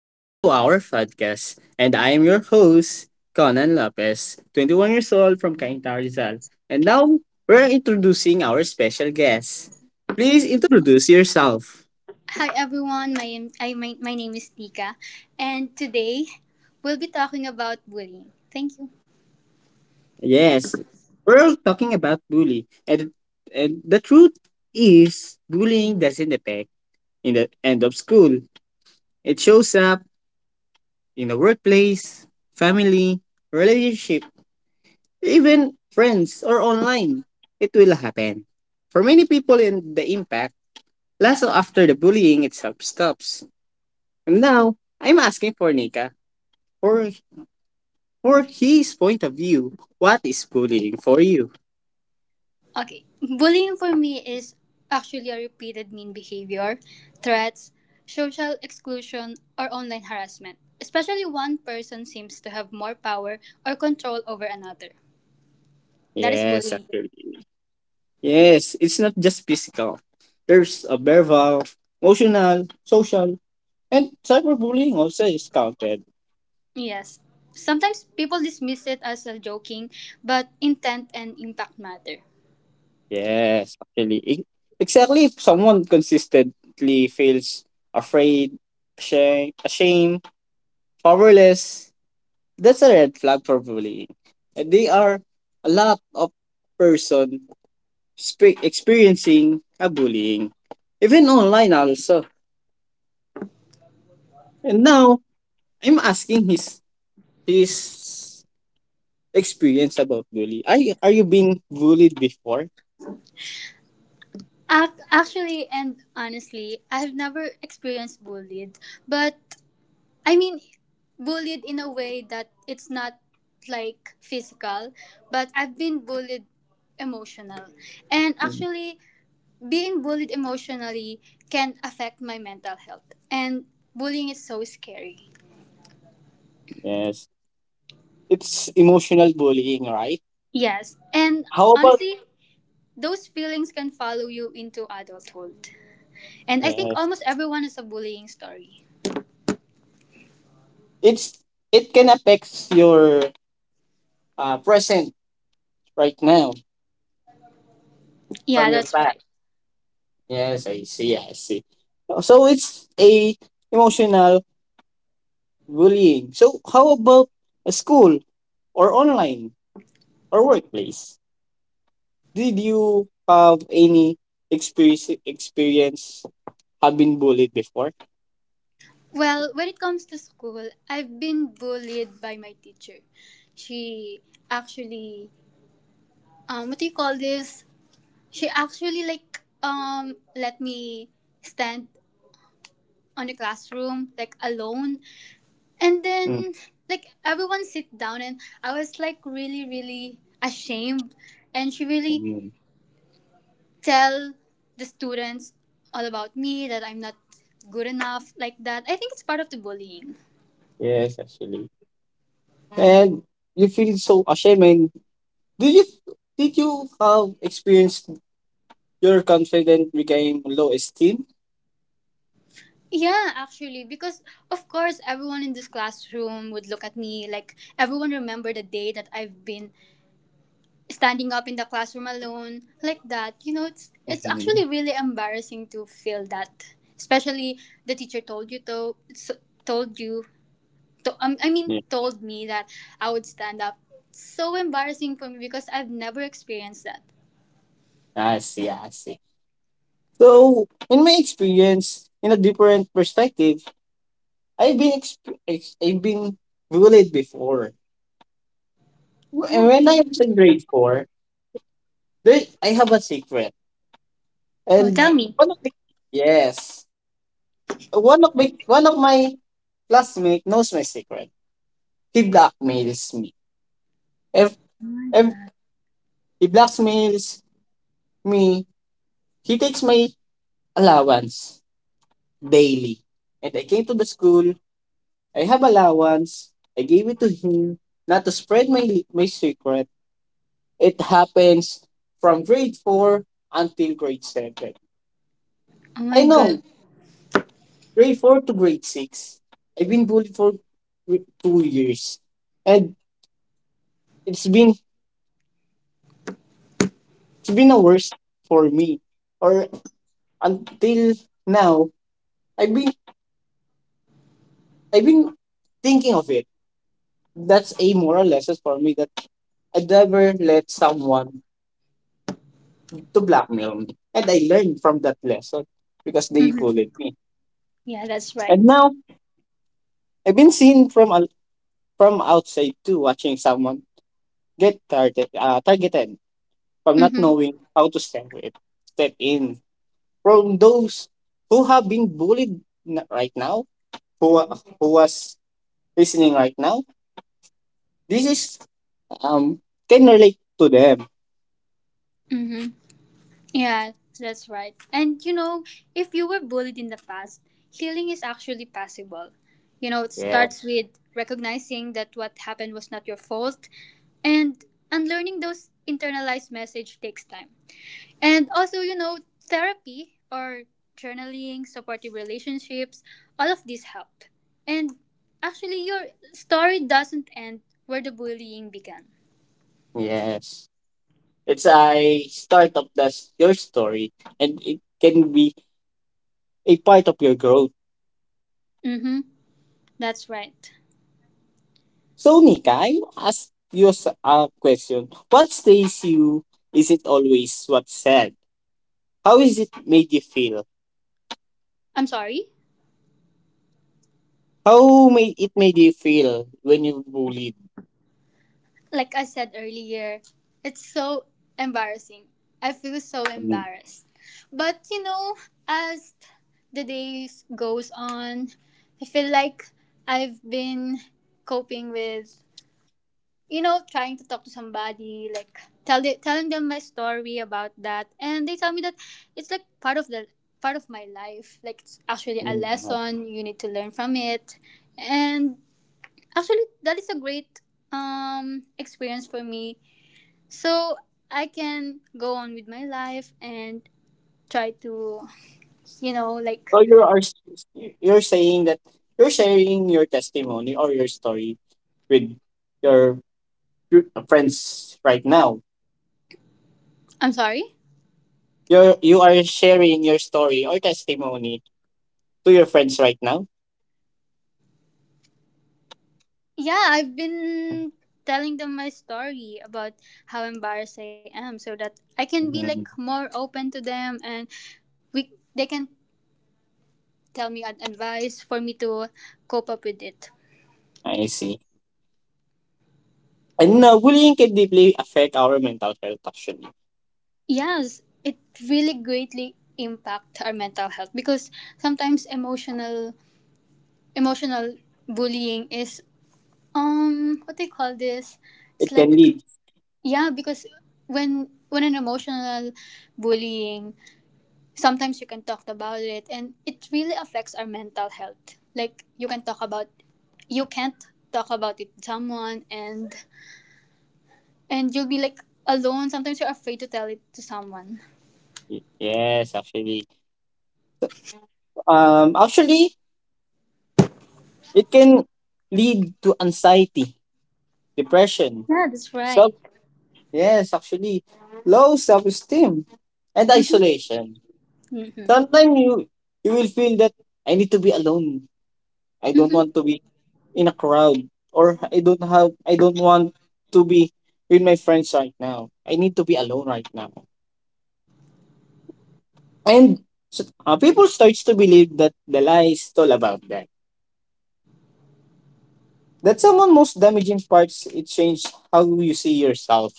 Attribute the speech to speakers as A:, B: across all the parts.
A: Welcome to our podcast. And I am your host, Conan Lopez, 21 years old from Cainta, Rizal. And now we're introducing our special guest. Please introduce yourself.
B: Hi everyone, my name is Tika, and today we'll be talking about bullying. Thank you.
A: Yes, we're talking about bully. And the truth is, bullying doesn't affect in the end of school. It shows up in the workplace, family, relationships, even friends or online. It will happen. For many people, in the impact, lasts after the bullying itself stops. And now, I'm asking for Nika for, for his point of view. What is bullying for you?
B: Okay, bullying for me is actually a repeated mean behavior, threats, social exclusion, or online harassment, especially one person seems to have more power or control over another. That is
A: Yes,
B: bullying.
A: actually. Yes, it's not just physical. There's a verbal, emotional, social, and cyberbullying also is counted.
B: Yes. Sometimes people dismiss it as a joking, but intent and impact matter.
A: Yes, actually, e exactly, if someone consistently feels afraid, ashamed, powerless, that's a red flag for bullying. And they are a lot of person experiencing a bullying, even online also. And now I'm asking his experience about bully. Are you being bullied before?
B: Actually, and honestly, I've never experienced bullied. But I mean, bullied in a way that it's not like physical, but I've been bullied emotional. And
A: Mm,
B: actually, being bullied emotionally can affect my mental health. And bullying is so scary.
A: yes. It's emotional bullying, right?
B: Yes. And
A: How about?
B: honestly, those feelings can follow you into adulthood. And I think
A: Yes.
B: almost everyone has a bullying story.
A: It's it can affect your present right now from
B: Yeah,
A: your
B: that's
A: past.
B: right.
A: Yes, I see, I see. So it's a emotional bullying. So how about a school or online or workplace? Did you have any experience having bullied before?
B: Well, when it comes to school, I've been bullied by my teacher. She actually, what do you call this? She actually like let me stand on the classroom like alone, and
A: Mm.
B: then like everyone sit down, and I was like really really ashamed, and she really
A: Mm.
B: tell the students all about me that I'm not good enough like that. I think it's part of the bullying.
A: Yes, actually. And you feel so ashamed. And do you did you have experienced your confidence became low esteem?
B: Yeah, actually, because of course everyone in this classroom would look at me like everyone remember the day that I've been standing up in the classroom alone like that. You know, it's
A: Mm-hmm.
B: actually really embarrassing to feel that, especially the teacher told you to told you to I mean
A: Yeah.
B: told me that I would stand up. It's so embarrassing for me because I've never experienced that.
A: I see, I see. So in my experience, in a different perspective, I've been bullied before. And
B: Oh
A: when I was
B: really?
A: in grade 4, there I have a secret.
B: Oh,
A: And
B: tell me.
A: one of my, yes, one of my classmate knows my secret. He blackmails me. If if he blackmails me, he takes my allowance daily. And I came to the school. I have allowance. I gave it to him not to spread my secret. It happens from grade 4 until grade 7.
B: Oh
A: I
B: my
A: know
B: god.
A: grade 4 to grade 6. I've been bullied for 2 years. And it's been it's been the worst for me. Or until now, I've been I've been thinking of it. That's a moral lesson for me that I never let someone to blackmail me. And I learned from that lesson because they
B: Hmm.
A: bullied me.
B: Yeah, that's
A: And
B: right.
A: now I've been seen from outside too, watching someone get targeted from not
B: Mm-hmm.
A: knowing how to step in from those who have been bullied right now, who was listening right now, this is um can relate to them.
B: Mm-hmm. Yeah, that's right. And you know, if you were bullied in the past, healing is actually possible. You know, it
A: Yeah.
B: starts with recognizing that what happened was not your fault and unlearning those internalized message takes time. And also, you know, therapy or journaling, supportive relationships, all of these help. And actually your story doesn't end where the bullying began.
A: Yes. It's a start of your story, and it can be a part of your growth.
B: Mhm. That's right.
A: So Nika, I will ask a question. What stays you? Is it always what's said? How is it made you feel?
B: I'm sorry.
A: How made you feel when you bullied?
B: Like I said earlier, it's so embarrassing. I feel so
A: Mm.
B: embarrassed. But you know, as the days goes on, I feel like I've been coping with trying to talk to somebody like telling them my story about that and they tell me that it's like part of the part of my life like it's actually a
A: Mm. Uh-huh.
B: lesson you need to learn from it and actually that is a great experience for me so I can go on with my life and try to, you know, like,
A: So you're saying that you're sharing your testimony or your story with your friends right now.
B: I'm sorry?
A: You are sharing your story or testimony to your friends right now.
B: Yeah, I've been telling them my story about how embarrassed I am so that I can be like
A: Mhm.
B: more open to them and we they can tell me advice for me to cope up with it.
A: I see. And now bullying can deeply affect our mental health actually.
B: Yes, it really greatly impact our mental health because sometimes emotional bullying is what they call this it's
A: It can
B: like
A: lead
B: yeah because when an emotional bullying sometimes you can talk about it and it really affects our mental health like you can talk about you can't talk about it to someone and you'll be like alone sometimes you're afraid to tell it to someone
A: y- yes, actually. Actually it can lead to anxiety, depression,
B: yeah that's
A: self
B: right.
A: yes, actually, low self-esteem and isolation.
B: Mm-hmm.
A: Sometimes you will feel that I need to be alone. I don't
B: Mm-hmm.
A: want to be in a crowd, or I don't want to be with my friends right now. I need to be alone right now. And people starts to believe that the lie is all about them. That's someone most damaging parts. It changed how you see yourself.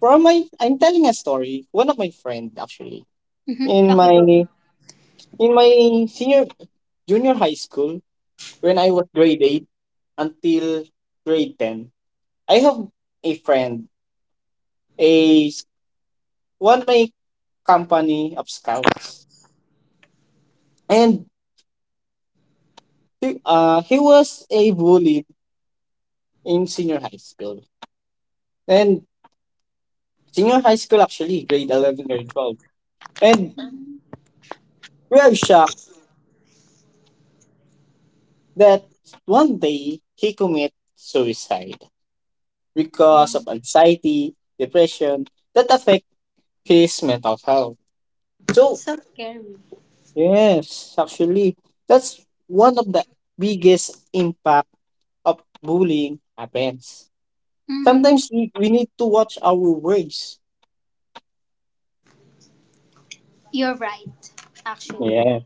A: I'm telling a story. One of my friend actually
B: Mm-hmm.
A: in
B: Okay go.
A: my in my senior junior high school, when I was grade 8 until grade 10, I have a friend, a s- one of my company of scouts. And he was a bully in senior high school. And senior high school, actually, grade 11, grade 12. And we are shocked that one day he commit suicide
B: Oh my.
A: because of anxiety, depression that affect his mental health. So, yes, actually, that's one of the biggest impact of bullying happens.
B: Mm,
A: Sometimes we need to watch our words.
B: you're right actually
A: Yeah.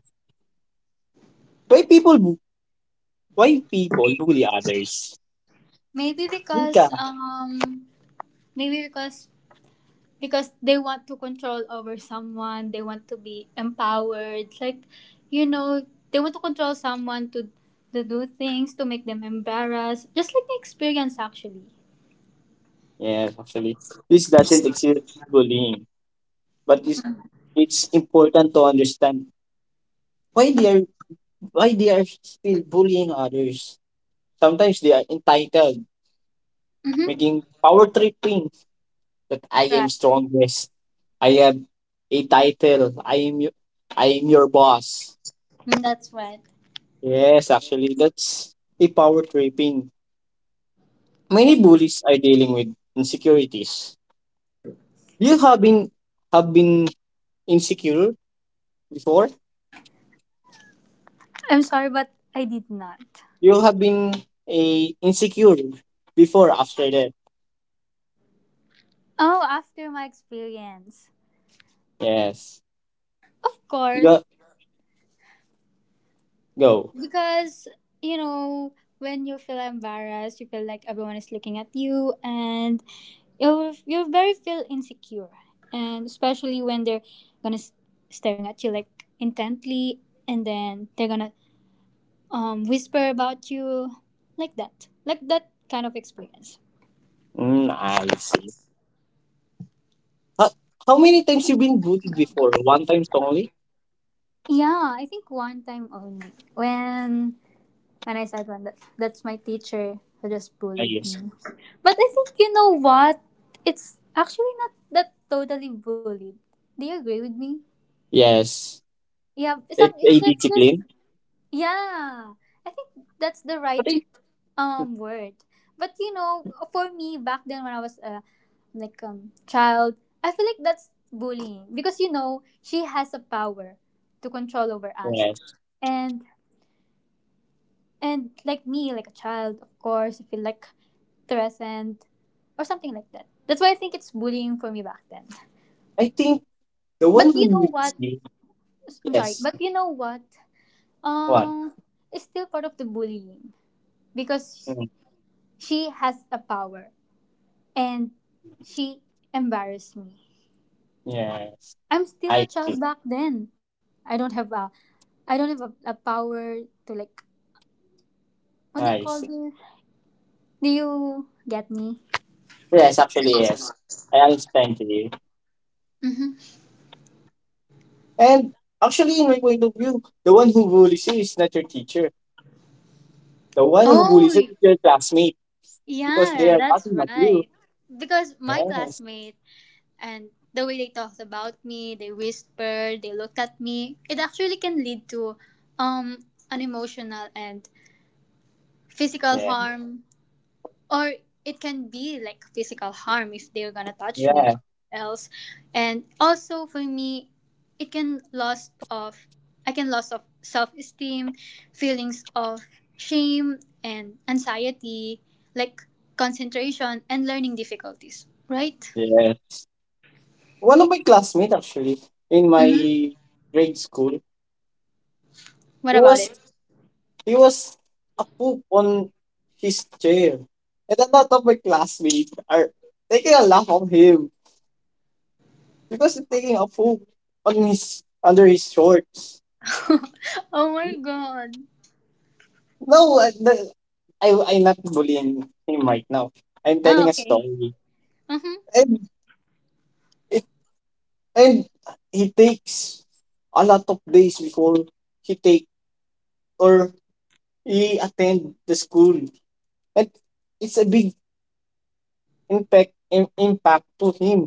A: Why people why people bully others?
B: maybe because
A: Mika.
B: um maybe because they want to control over someone they want to be empowered like you know they want to control someone to do things to make them embarrassed just like the experience actually.
A: Yes, actually. This doesn't exist bullying. But it's important to understand why they are why they are still bullying others. Sometimes they are entitled,
B: Mm-hmm.
A: making power tripping that I am
B: Right.
A: strongest. I am a title. I am your boss.
B: Mm, that's right.
A: Yes, actually, that's a power tripping.
B: Yeah,
A: Many bullies are dealing with insecurities. You have been insecure before.
B: I'm sorry but I did not.
A: You have been a insecure before after that.
B: Oh after my experience
A: Yes.
B: of course
A: Go, go.
B: because you know when you feel embarrassed you feel like everyone is looking at you and you're very feel insecure and especially when they're gonna staring at you like intently and then they're gonna whisper about you like that kind of experience.
A: Mm, I see. How, how many times you been bullied before? One time only?
B: Yeah I think one time only when. And I said, "Well, that's my teacher who just
A: I
B: bullied
A: guess.
B: me. But I think, you know what? It's actually not that totally bullied. Do you agree with me?
A: Yes.
B: Yeah,
A: It's
B: some,
A: a
B: it's like just,
A: discipline.
B: yeah. I think that's the
A: But.
B: right word. But, you know, for me, back then when I was a like child, I feel like that's bullying because, you know, she has a power to control over us.
A: Yes.
B: And And like me, like a child, of course, I feel like threatened or something like that. That's why I think it's bullying for me back then.
A: I think the one
B: But you
A: who
B: know
A: leads
B: what?
A: you.
B: I'm sorry,
A: Yes.
B: but you know what?
A: What?
B: Um, it's still part of the bullying because
A: Mm,
B: she has a power and she embarrassed me.
A: yes.
B: I'm still a
A: I
B: child
A: see.
B: back then. I don't have a, I don't have a power to like. What do you
A: I
B: call
A: see.
B: this? Do you get me?
A: Yes, actually, yes. I understand you.
B: Mm-hmm.
A: And actually, in my point of view, the one who bullies you is not your teacher. The one who
B: Oh,
A: bullies you is your classmate because they
B: yeah,
A: are
B: that's
A: laughing at you.
B: right. Because my
A: Yes.
B: classmate and the way they talked about me, they whispered, they looked at me, it actually can lead to um an emotional and physical
A: Yes.
B: harm or it can be like physical harm if they're gonna touch me
A: Yeah.
B: or else and also for me it can loss of I can loss of self-esteem feelings of shame and anxiety like concentration and learning difficulties right.
A: Yes. One of my classmates, actually, in my
B: Mm-hmm.
A: grade school,
B: What
A: he
B: about
A: was
B: it.
A: He was a poop on his chair. And a lot of my classmates are taking a laugh of him because he's taking a poop on his under his shorts.
B: Oh my god.
A: No, I, the- I I'm not bullying him right now. I'm
B: Ah
A: telling a
B: okay.
A: story.
B: Mm-hmm.
A: And it, and he takes a lot of days before he take or he attend the school. And it's a big impact to him.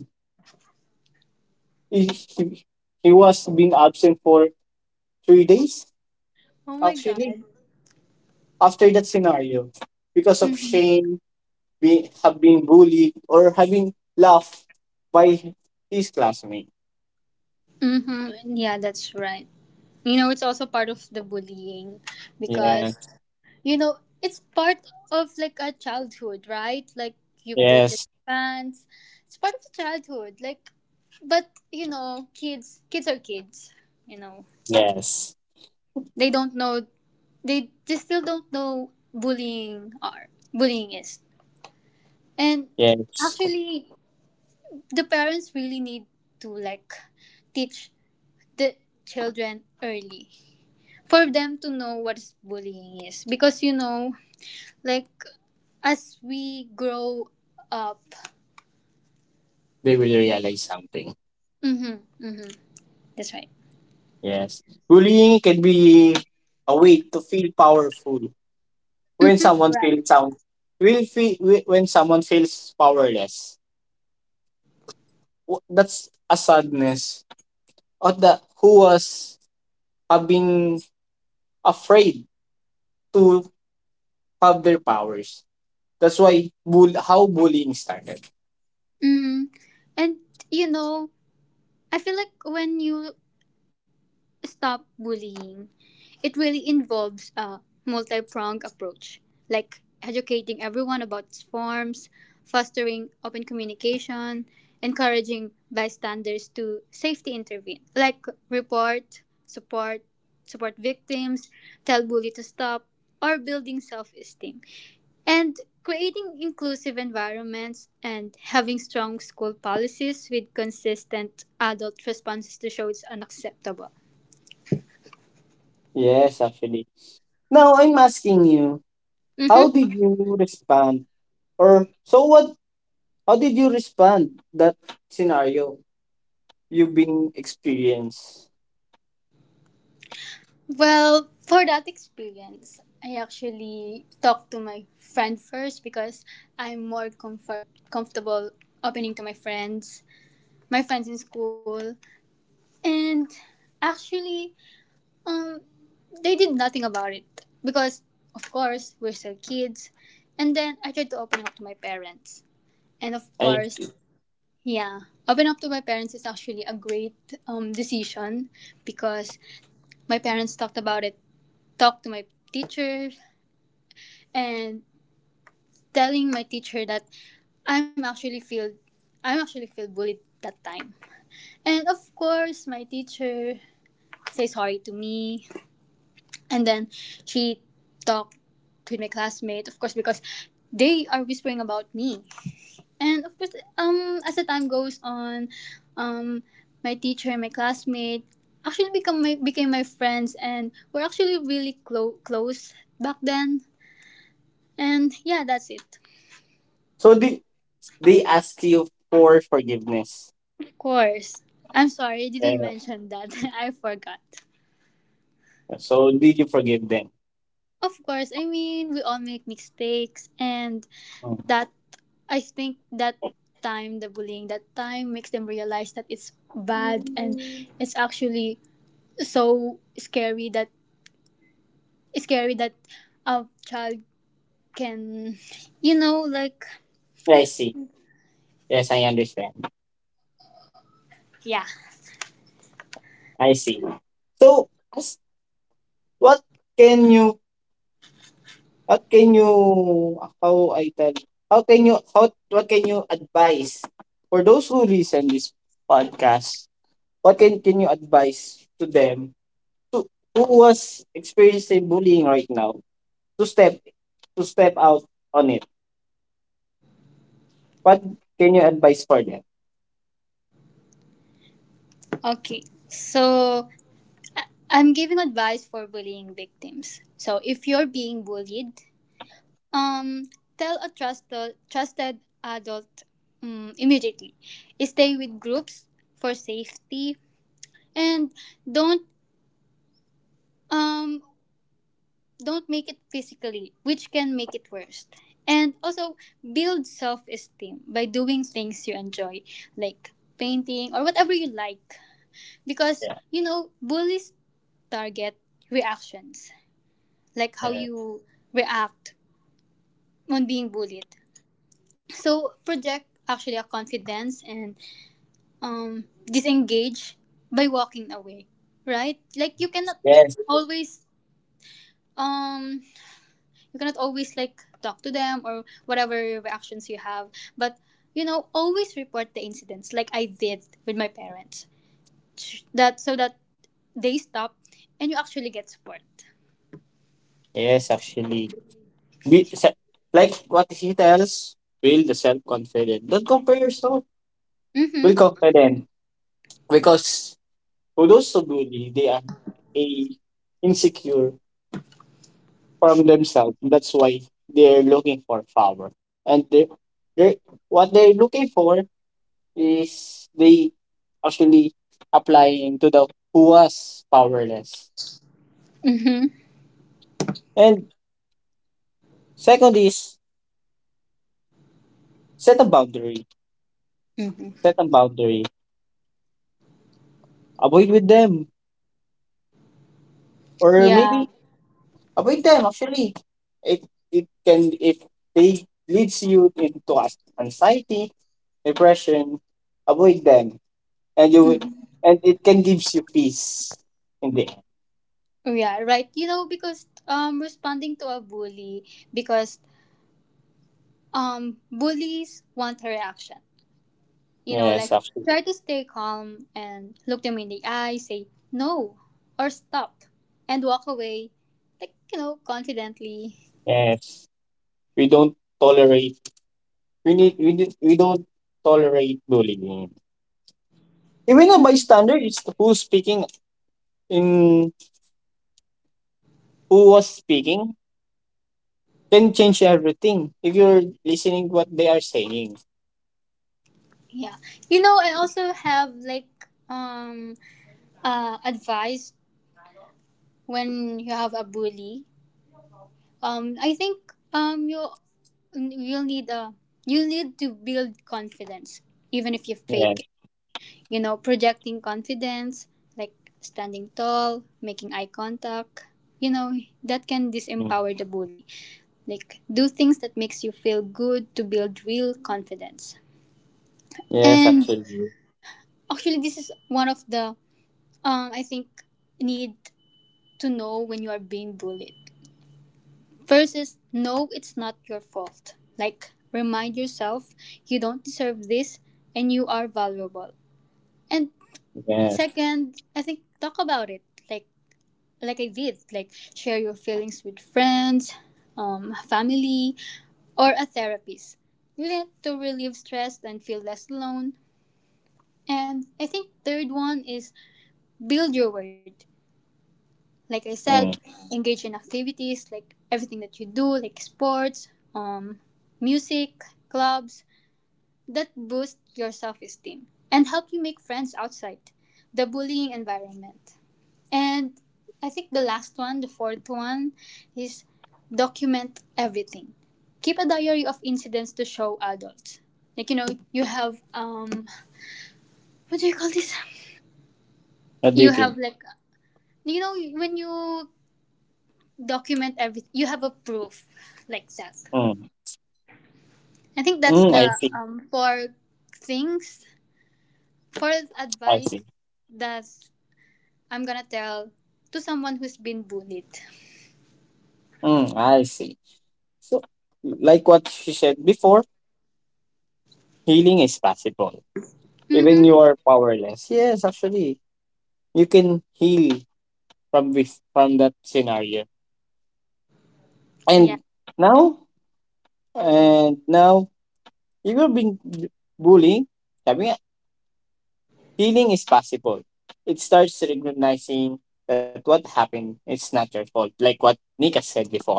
A: He, he, he was being absent for 3 days
B: Oh my
A: actually
B: god.
A: after that scenario because of
B: Mm-hmm.
A: shame, have been bullied or having laughed by his classmate.
B: Mm-hmm. Yeah, that's right. You know, it's also part of the bullying because,
A: Yes.
B: you know, it's part of like a childhood, right? Like you poop your
A: Yes.
B: pants. It's part of the childhood. Like, but, you know, kids, kids are kids, you know.
A: Yes.
B: They don't know, they still don't know bullying are, bullying is. And
A: Yes.
B: actually, the parents really need to like teach the children early for them to know what bullying is because you know like as we grow up.
A: They will realize something.
B: Mm-hmm, mm-hmm, that's right.
A: Yes. Bullying can be a way to feel powerful when
B: Mm-hmm,
A: someone
B: right.
A: feels sound, will feel when someone feels powerless. That's a sadness or the who was have been afraid to have their powers. That's why bull how bullying started.
B: Mm-hmm. And you know I feel like when you stop bullying, it really involves a multi pronged approach, like educating everyone about its forms, fostering open communication, encouraging bystanders to safety intervene, like report, support, support victims, tell bully to stop, or building self esteem. And creating inclusive environments and having strong school policies with consistent adult responses to show it's unacceptable.
A: Yes, actually. Now I'm asking you, how
B: Mm-hmm.
A: did you respond? Or so what? How did you respond that scenario you've been experienced?
B: Well, for that experience, I actually talked to my friend first because I'm more comfortable opening to my friends in school. And actually, um, they did nothing about it because, of course, we're still kids. And then I tried to open up to my parents. And of
A: I see.
B: course, yeah, open up to my parents is actually a great decision because my parents talked about it talk to my teacher and telling my teacher that I'm actually feel I'm actually feel bullied that time. And of course my teacher say sorry to me and then she talked to my classmate of course because they are whispering about me. And of course as the time goes on um my teacher and my classmate actually become my became my friends and we're actually really close back then. And yeah, that's it.
A: So did they ask you for forgiveness?
B: Of course. I'm sorry, I didn't
A: Yeah.
B: mention that. I forgot.
A: So did you forgive them?
B: Of course, I mean, we all make mistakes, and
A: Mm.
B: that I think that time, the bullying, that time makes them realize that it's bad and it's actually so scary that a child can, you know, like,
A: Yeah, I see. Yes, I understand.
B: yeah.
A: I see. So, as What can you what can you, how I tell, how can you, how what can you advise for those who listen this podcast? What can you advise to them to who was experiencing bullying right now to step out on it? What can you advise for them?
B: Okay, so I'm giving advice for bullying victims. So if you're being bullied, Um, tell a trusted adult immediately. Stay with groups for safety, and don't um don't make it physically, which can make it worse. And also build self esteem by doing things you enjoy, like painting or whatever you like, because
A: Yeah.
B: you know bullies target reactions, like how
A: Yeah.
B: you react on being bullied. So project actually a confidence and disengage by walking away right like
A: Yes. Yes.
B: always um you cannot always like talk to them or whatever reactions you have but you know always report the incidents like I did with my parents that so that they stop and you actually get support.
A: Yes, actually. Be, se- like what he tells, build the self confidence. Don't compare yourself. Build
B: Mm-hmm.
A: confidence. Because for those who bully, they are a insecure from themselves. That's why they're looking for power. And they what they're looking for is they actually applying to the who was powerless.
B: Mm-hmm.
A: And second is set a boundary.
B: Mm-hmm.
A: Set a boundary. Avoid with them. Or
B: Yeah.
A: maybe avoid them actually. It it can, if they leads you into anxiety, depression, avoid them. And and it can gives you peace in the end.
B: Yeah right you know because responding to a bully because bullies want a reaction. You know,
A: Yes,
B: like
A: absolutely.
B: try to stay calm and look them in the eye, say no or stop and walk away, like, you know, confidently.
A: Yes. We don't tolerate, we don't tolerate bullying. Even a
B: Mhm.
A: bystander is who's speaking in who was speaking can change everything if you're listening what they are saying.
B: Yeah. You know, I also have like um advice when you have a bully. I think you you'll need a you need to build confidence even if you
A: Yes.
B: fake you know, projecting confidence, like standing tall, making eye contact, you know, that can
A: Mm.
B: disempower the bully. Like do things that makes you feel good to build real confidence.
A: Yes,
B: And
A: actually.
B: actually this is one of the I think need to know when you are being bullied. First is no it's not your fault. Like remind yourself you don't deserve this and you are valuable. And
A: Yes.
B: second, I think talk about it. Like I did, like share your feelings with friends, family, or a therapist to relieve stress and feel less alone. And I think third one is build your word. Like I said,
A: Mm.
B: engage in activities like everything that you do, like sports, um, music, clubs that boost your self-esteem and help you make friends outside the bullying environment. And I think the last one, the fourth one, is document everything. Keep a diary of incidents to show adults. Like you know, you have what do you call this?
A: What do you
B: You
A: think?
B: have like, you know, when you document everything, you have a proof, like that.
A: Mm.
B: I think that's
A: Mm, I
B: the
A: see.
B: four things, four
A: I
B: advice
A: see.
B: that I'm gonna tell to someone who's been bullied.
A: Mm, I see. So, like what she said before, healing is possible. Even you
B: Mm-hmm.
A: are powerless. Yes, actually, you can heal from this, from that scenario.
B: Yeah.
A: And now, and now, you will be bullying. Sabi nga, healing is possible. It starts recognizing that what happened is not your fault. Like what Nika said before.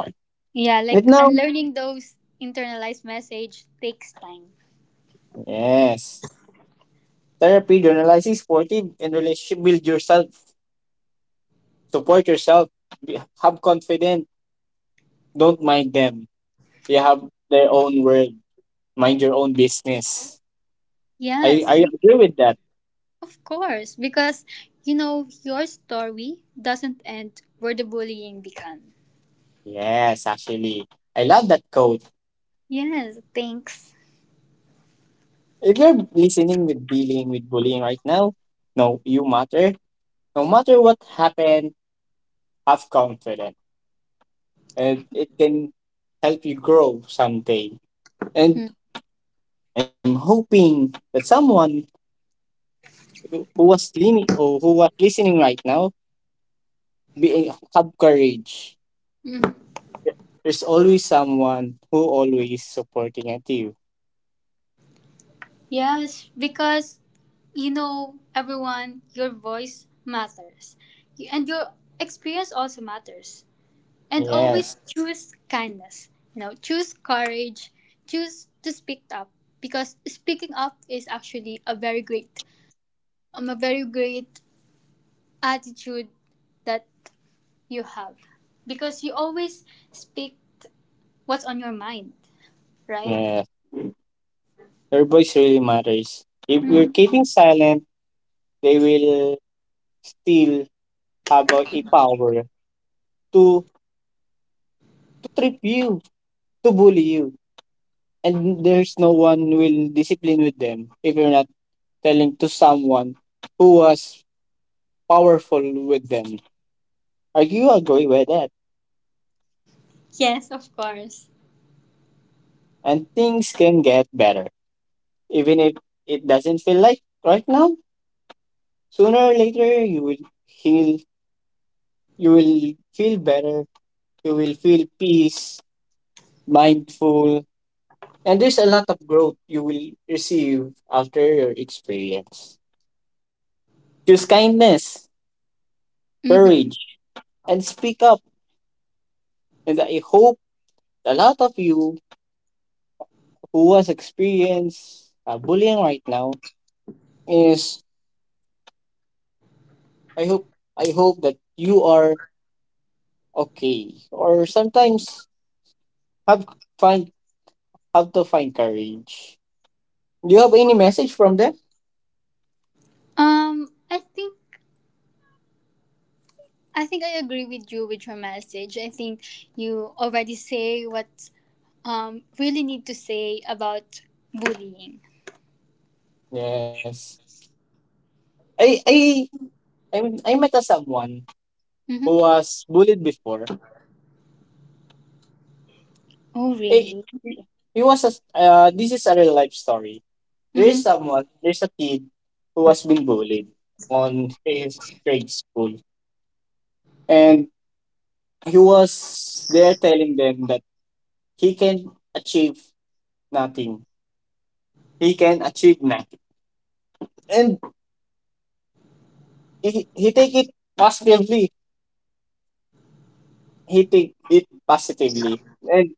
B: Yeah,
A: And
B: like
A: now,
B: unlearning those internalized message takes time.
A: yes. Therapy, journalizing supportive and relationship, build yourself, support yourself, have confidence, don't mind them. They have their own world. Mind your own business. I,
B: Yes,
A: I agree with that.
B: of course, because you know your story doesn't end where the bullying began.
A: Yes, actually. I love that quote.
B: Yes, thanks.
A: If you're listening with dealing with bullying right now, no you matter. No matter what happened, have confidence. And it can help you grow someday. And
B: Mm,
A: I'm hoping that someone who was leaning or who was listening right now, be have courage.
B: mm.
A: There's always someone who always supporting at you.
B: Yes, because you know everyone, your voice matters, and your experience also matters. And
A: Yes.
B: always choose kindness you know choose courage choose to speak up because speaking up is actually a very great attitude that you have because you always speak what's on your mind right.
A: Yes. Your voice really matters. If you're keeping silent, they will still have a power to to trip you, to bully you, and there's no one will discipline with them if you're not telling to someone who was powerful with them. Are you agree with that?
B: Yes of course.
A: And things can get better. Even if it doesn't feel like right now, sooner or later you will heal, you will feel better, you will feel peace, mindful, and there's a lot of growth you will receive after your experience. Choose kindness,
B: Mm-hmm.
A: courage, and speak up. And I hope a lot of you who has experienced bullying right now is I hope I hope that you are okay, or sometimes have find how to find courage. Do you have any message from them?
B: I think I think I agree with you with your message I think you already say what really need to say about bullying.
A: Yes. I I mean, I met a someone who
B: Mm-hmm.
A: was bullied before.
B: Oh,
A: I,
B: really?
A: he was a, this is a real life story. There is
B: Mm-hmm.
A: someone, there's a kid who was being bullied on his grade school. And he was there telling them that he can achieve nothing. He can achieve nothing. And he take it positively. He take it positively. And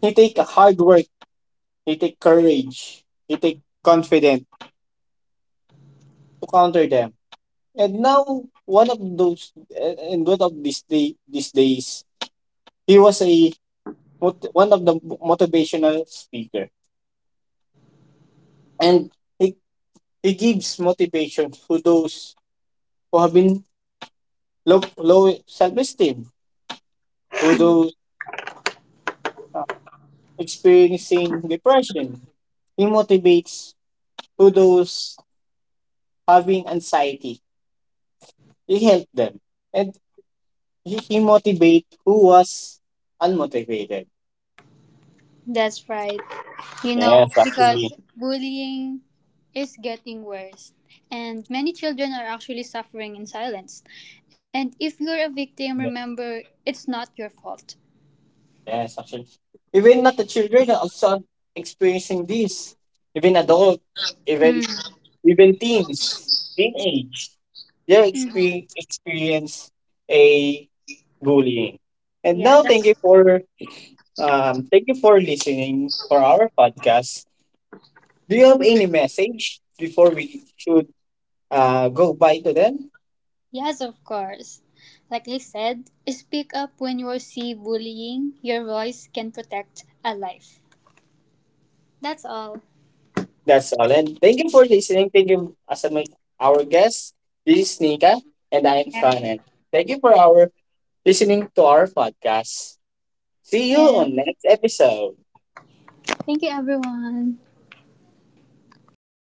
A: he take hard work. He take courage. He take confidence to counter them. And now one of those and one of these days he was one of the motivational speaker, and he, he gives motivation to those who have been low self esteem, who those uh, experiencing depression. He motivates to those having anxiety. He helped them, and he motivate who was unmotivated.
B: That's right. You know,
A: Yes,
B: because
A: actually.
B: bullying is getting worse, and many children are actually suffering in silence. And if you're a victim,
A: Ye-
B: remember it's not your fault.
A: Yes, actually. Even not the children are also experiencing this. Even adult, even
B: Mm.
A: teens, teenage, they
B: Mm.
A: experience a bullying. And
B: Yeah,
A: now, thank you
B: that's
A: for um, thank you for listening for our podcast. Do you have any message before we should go bye to them?
B: yes, of course. Like I said, speak up when you see bullying. Your voice can protect a life. That's all.
A: That's all. And thank you for listening. Thank you as our guest. This is Nika and I am
B: Yeah.
A: Conan. Thank you for our listening to our podcast. See you
B: Yeah.
A: on next episode.
B: Thank you, everyone.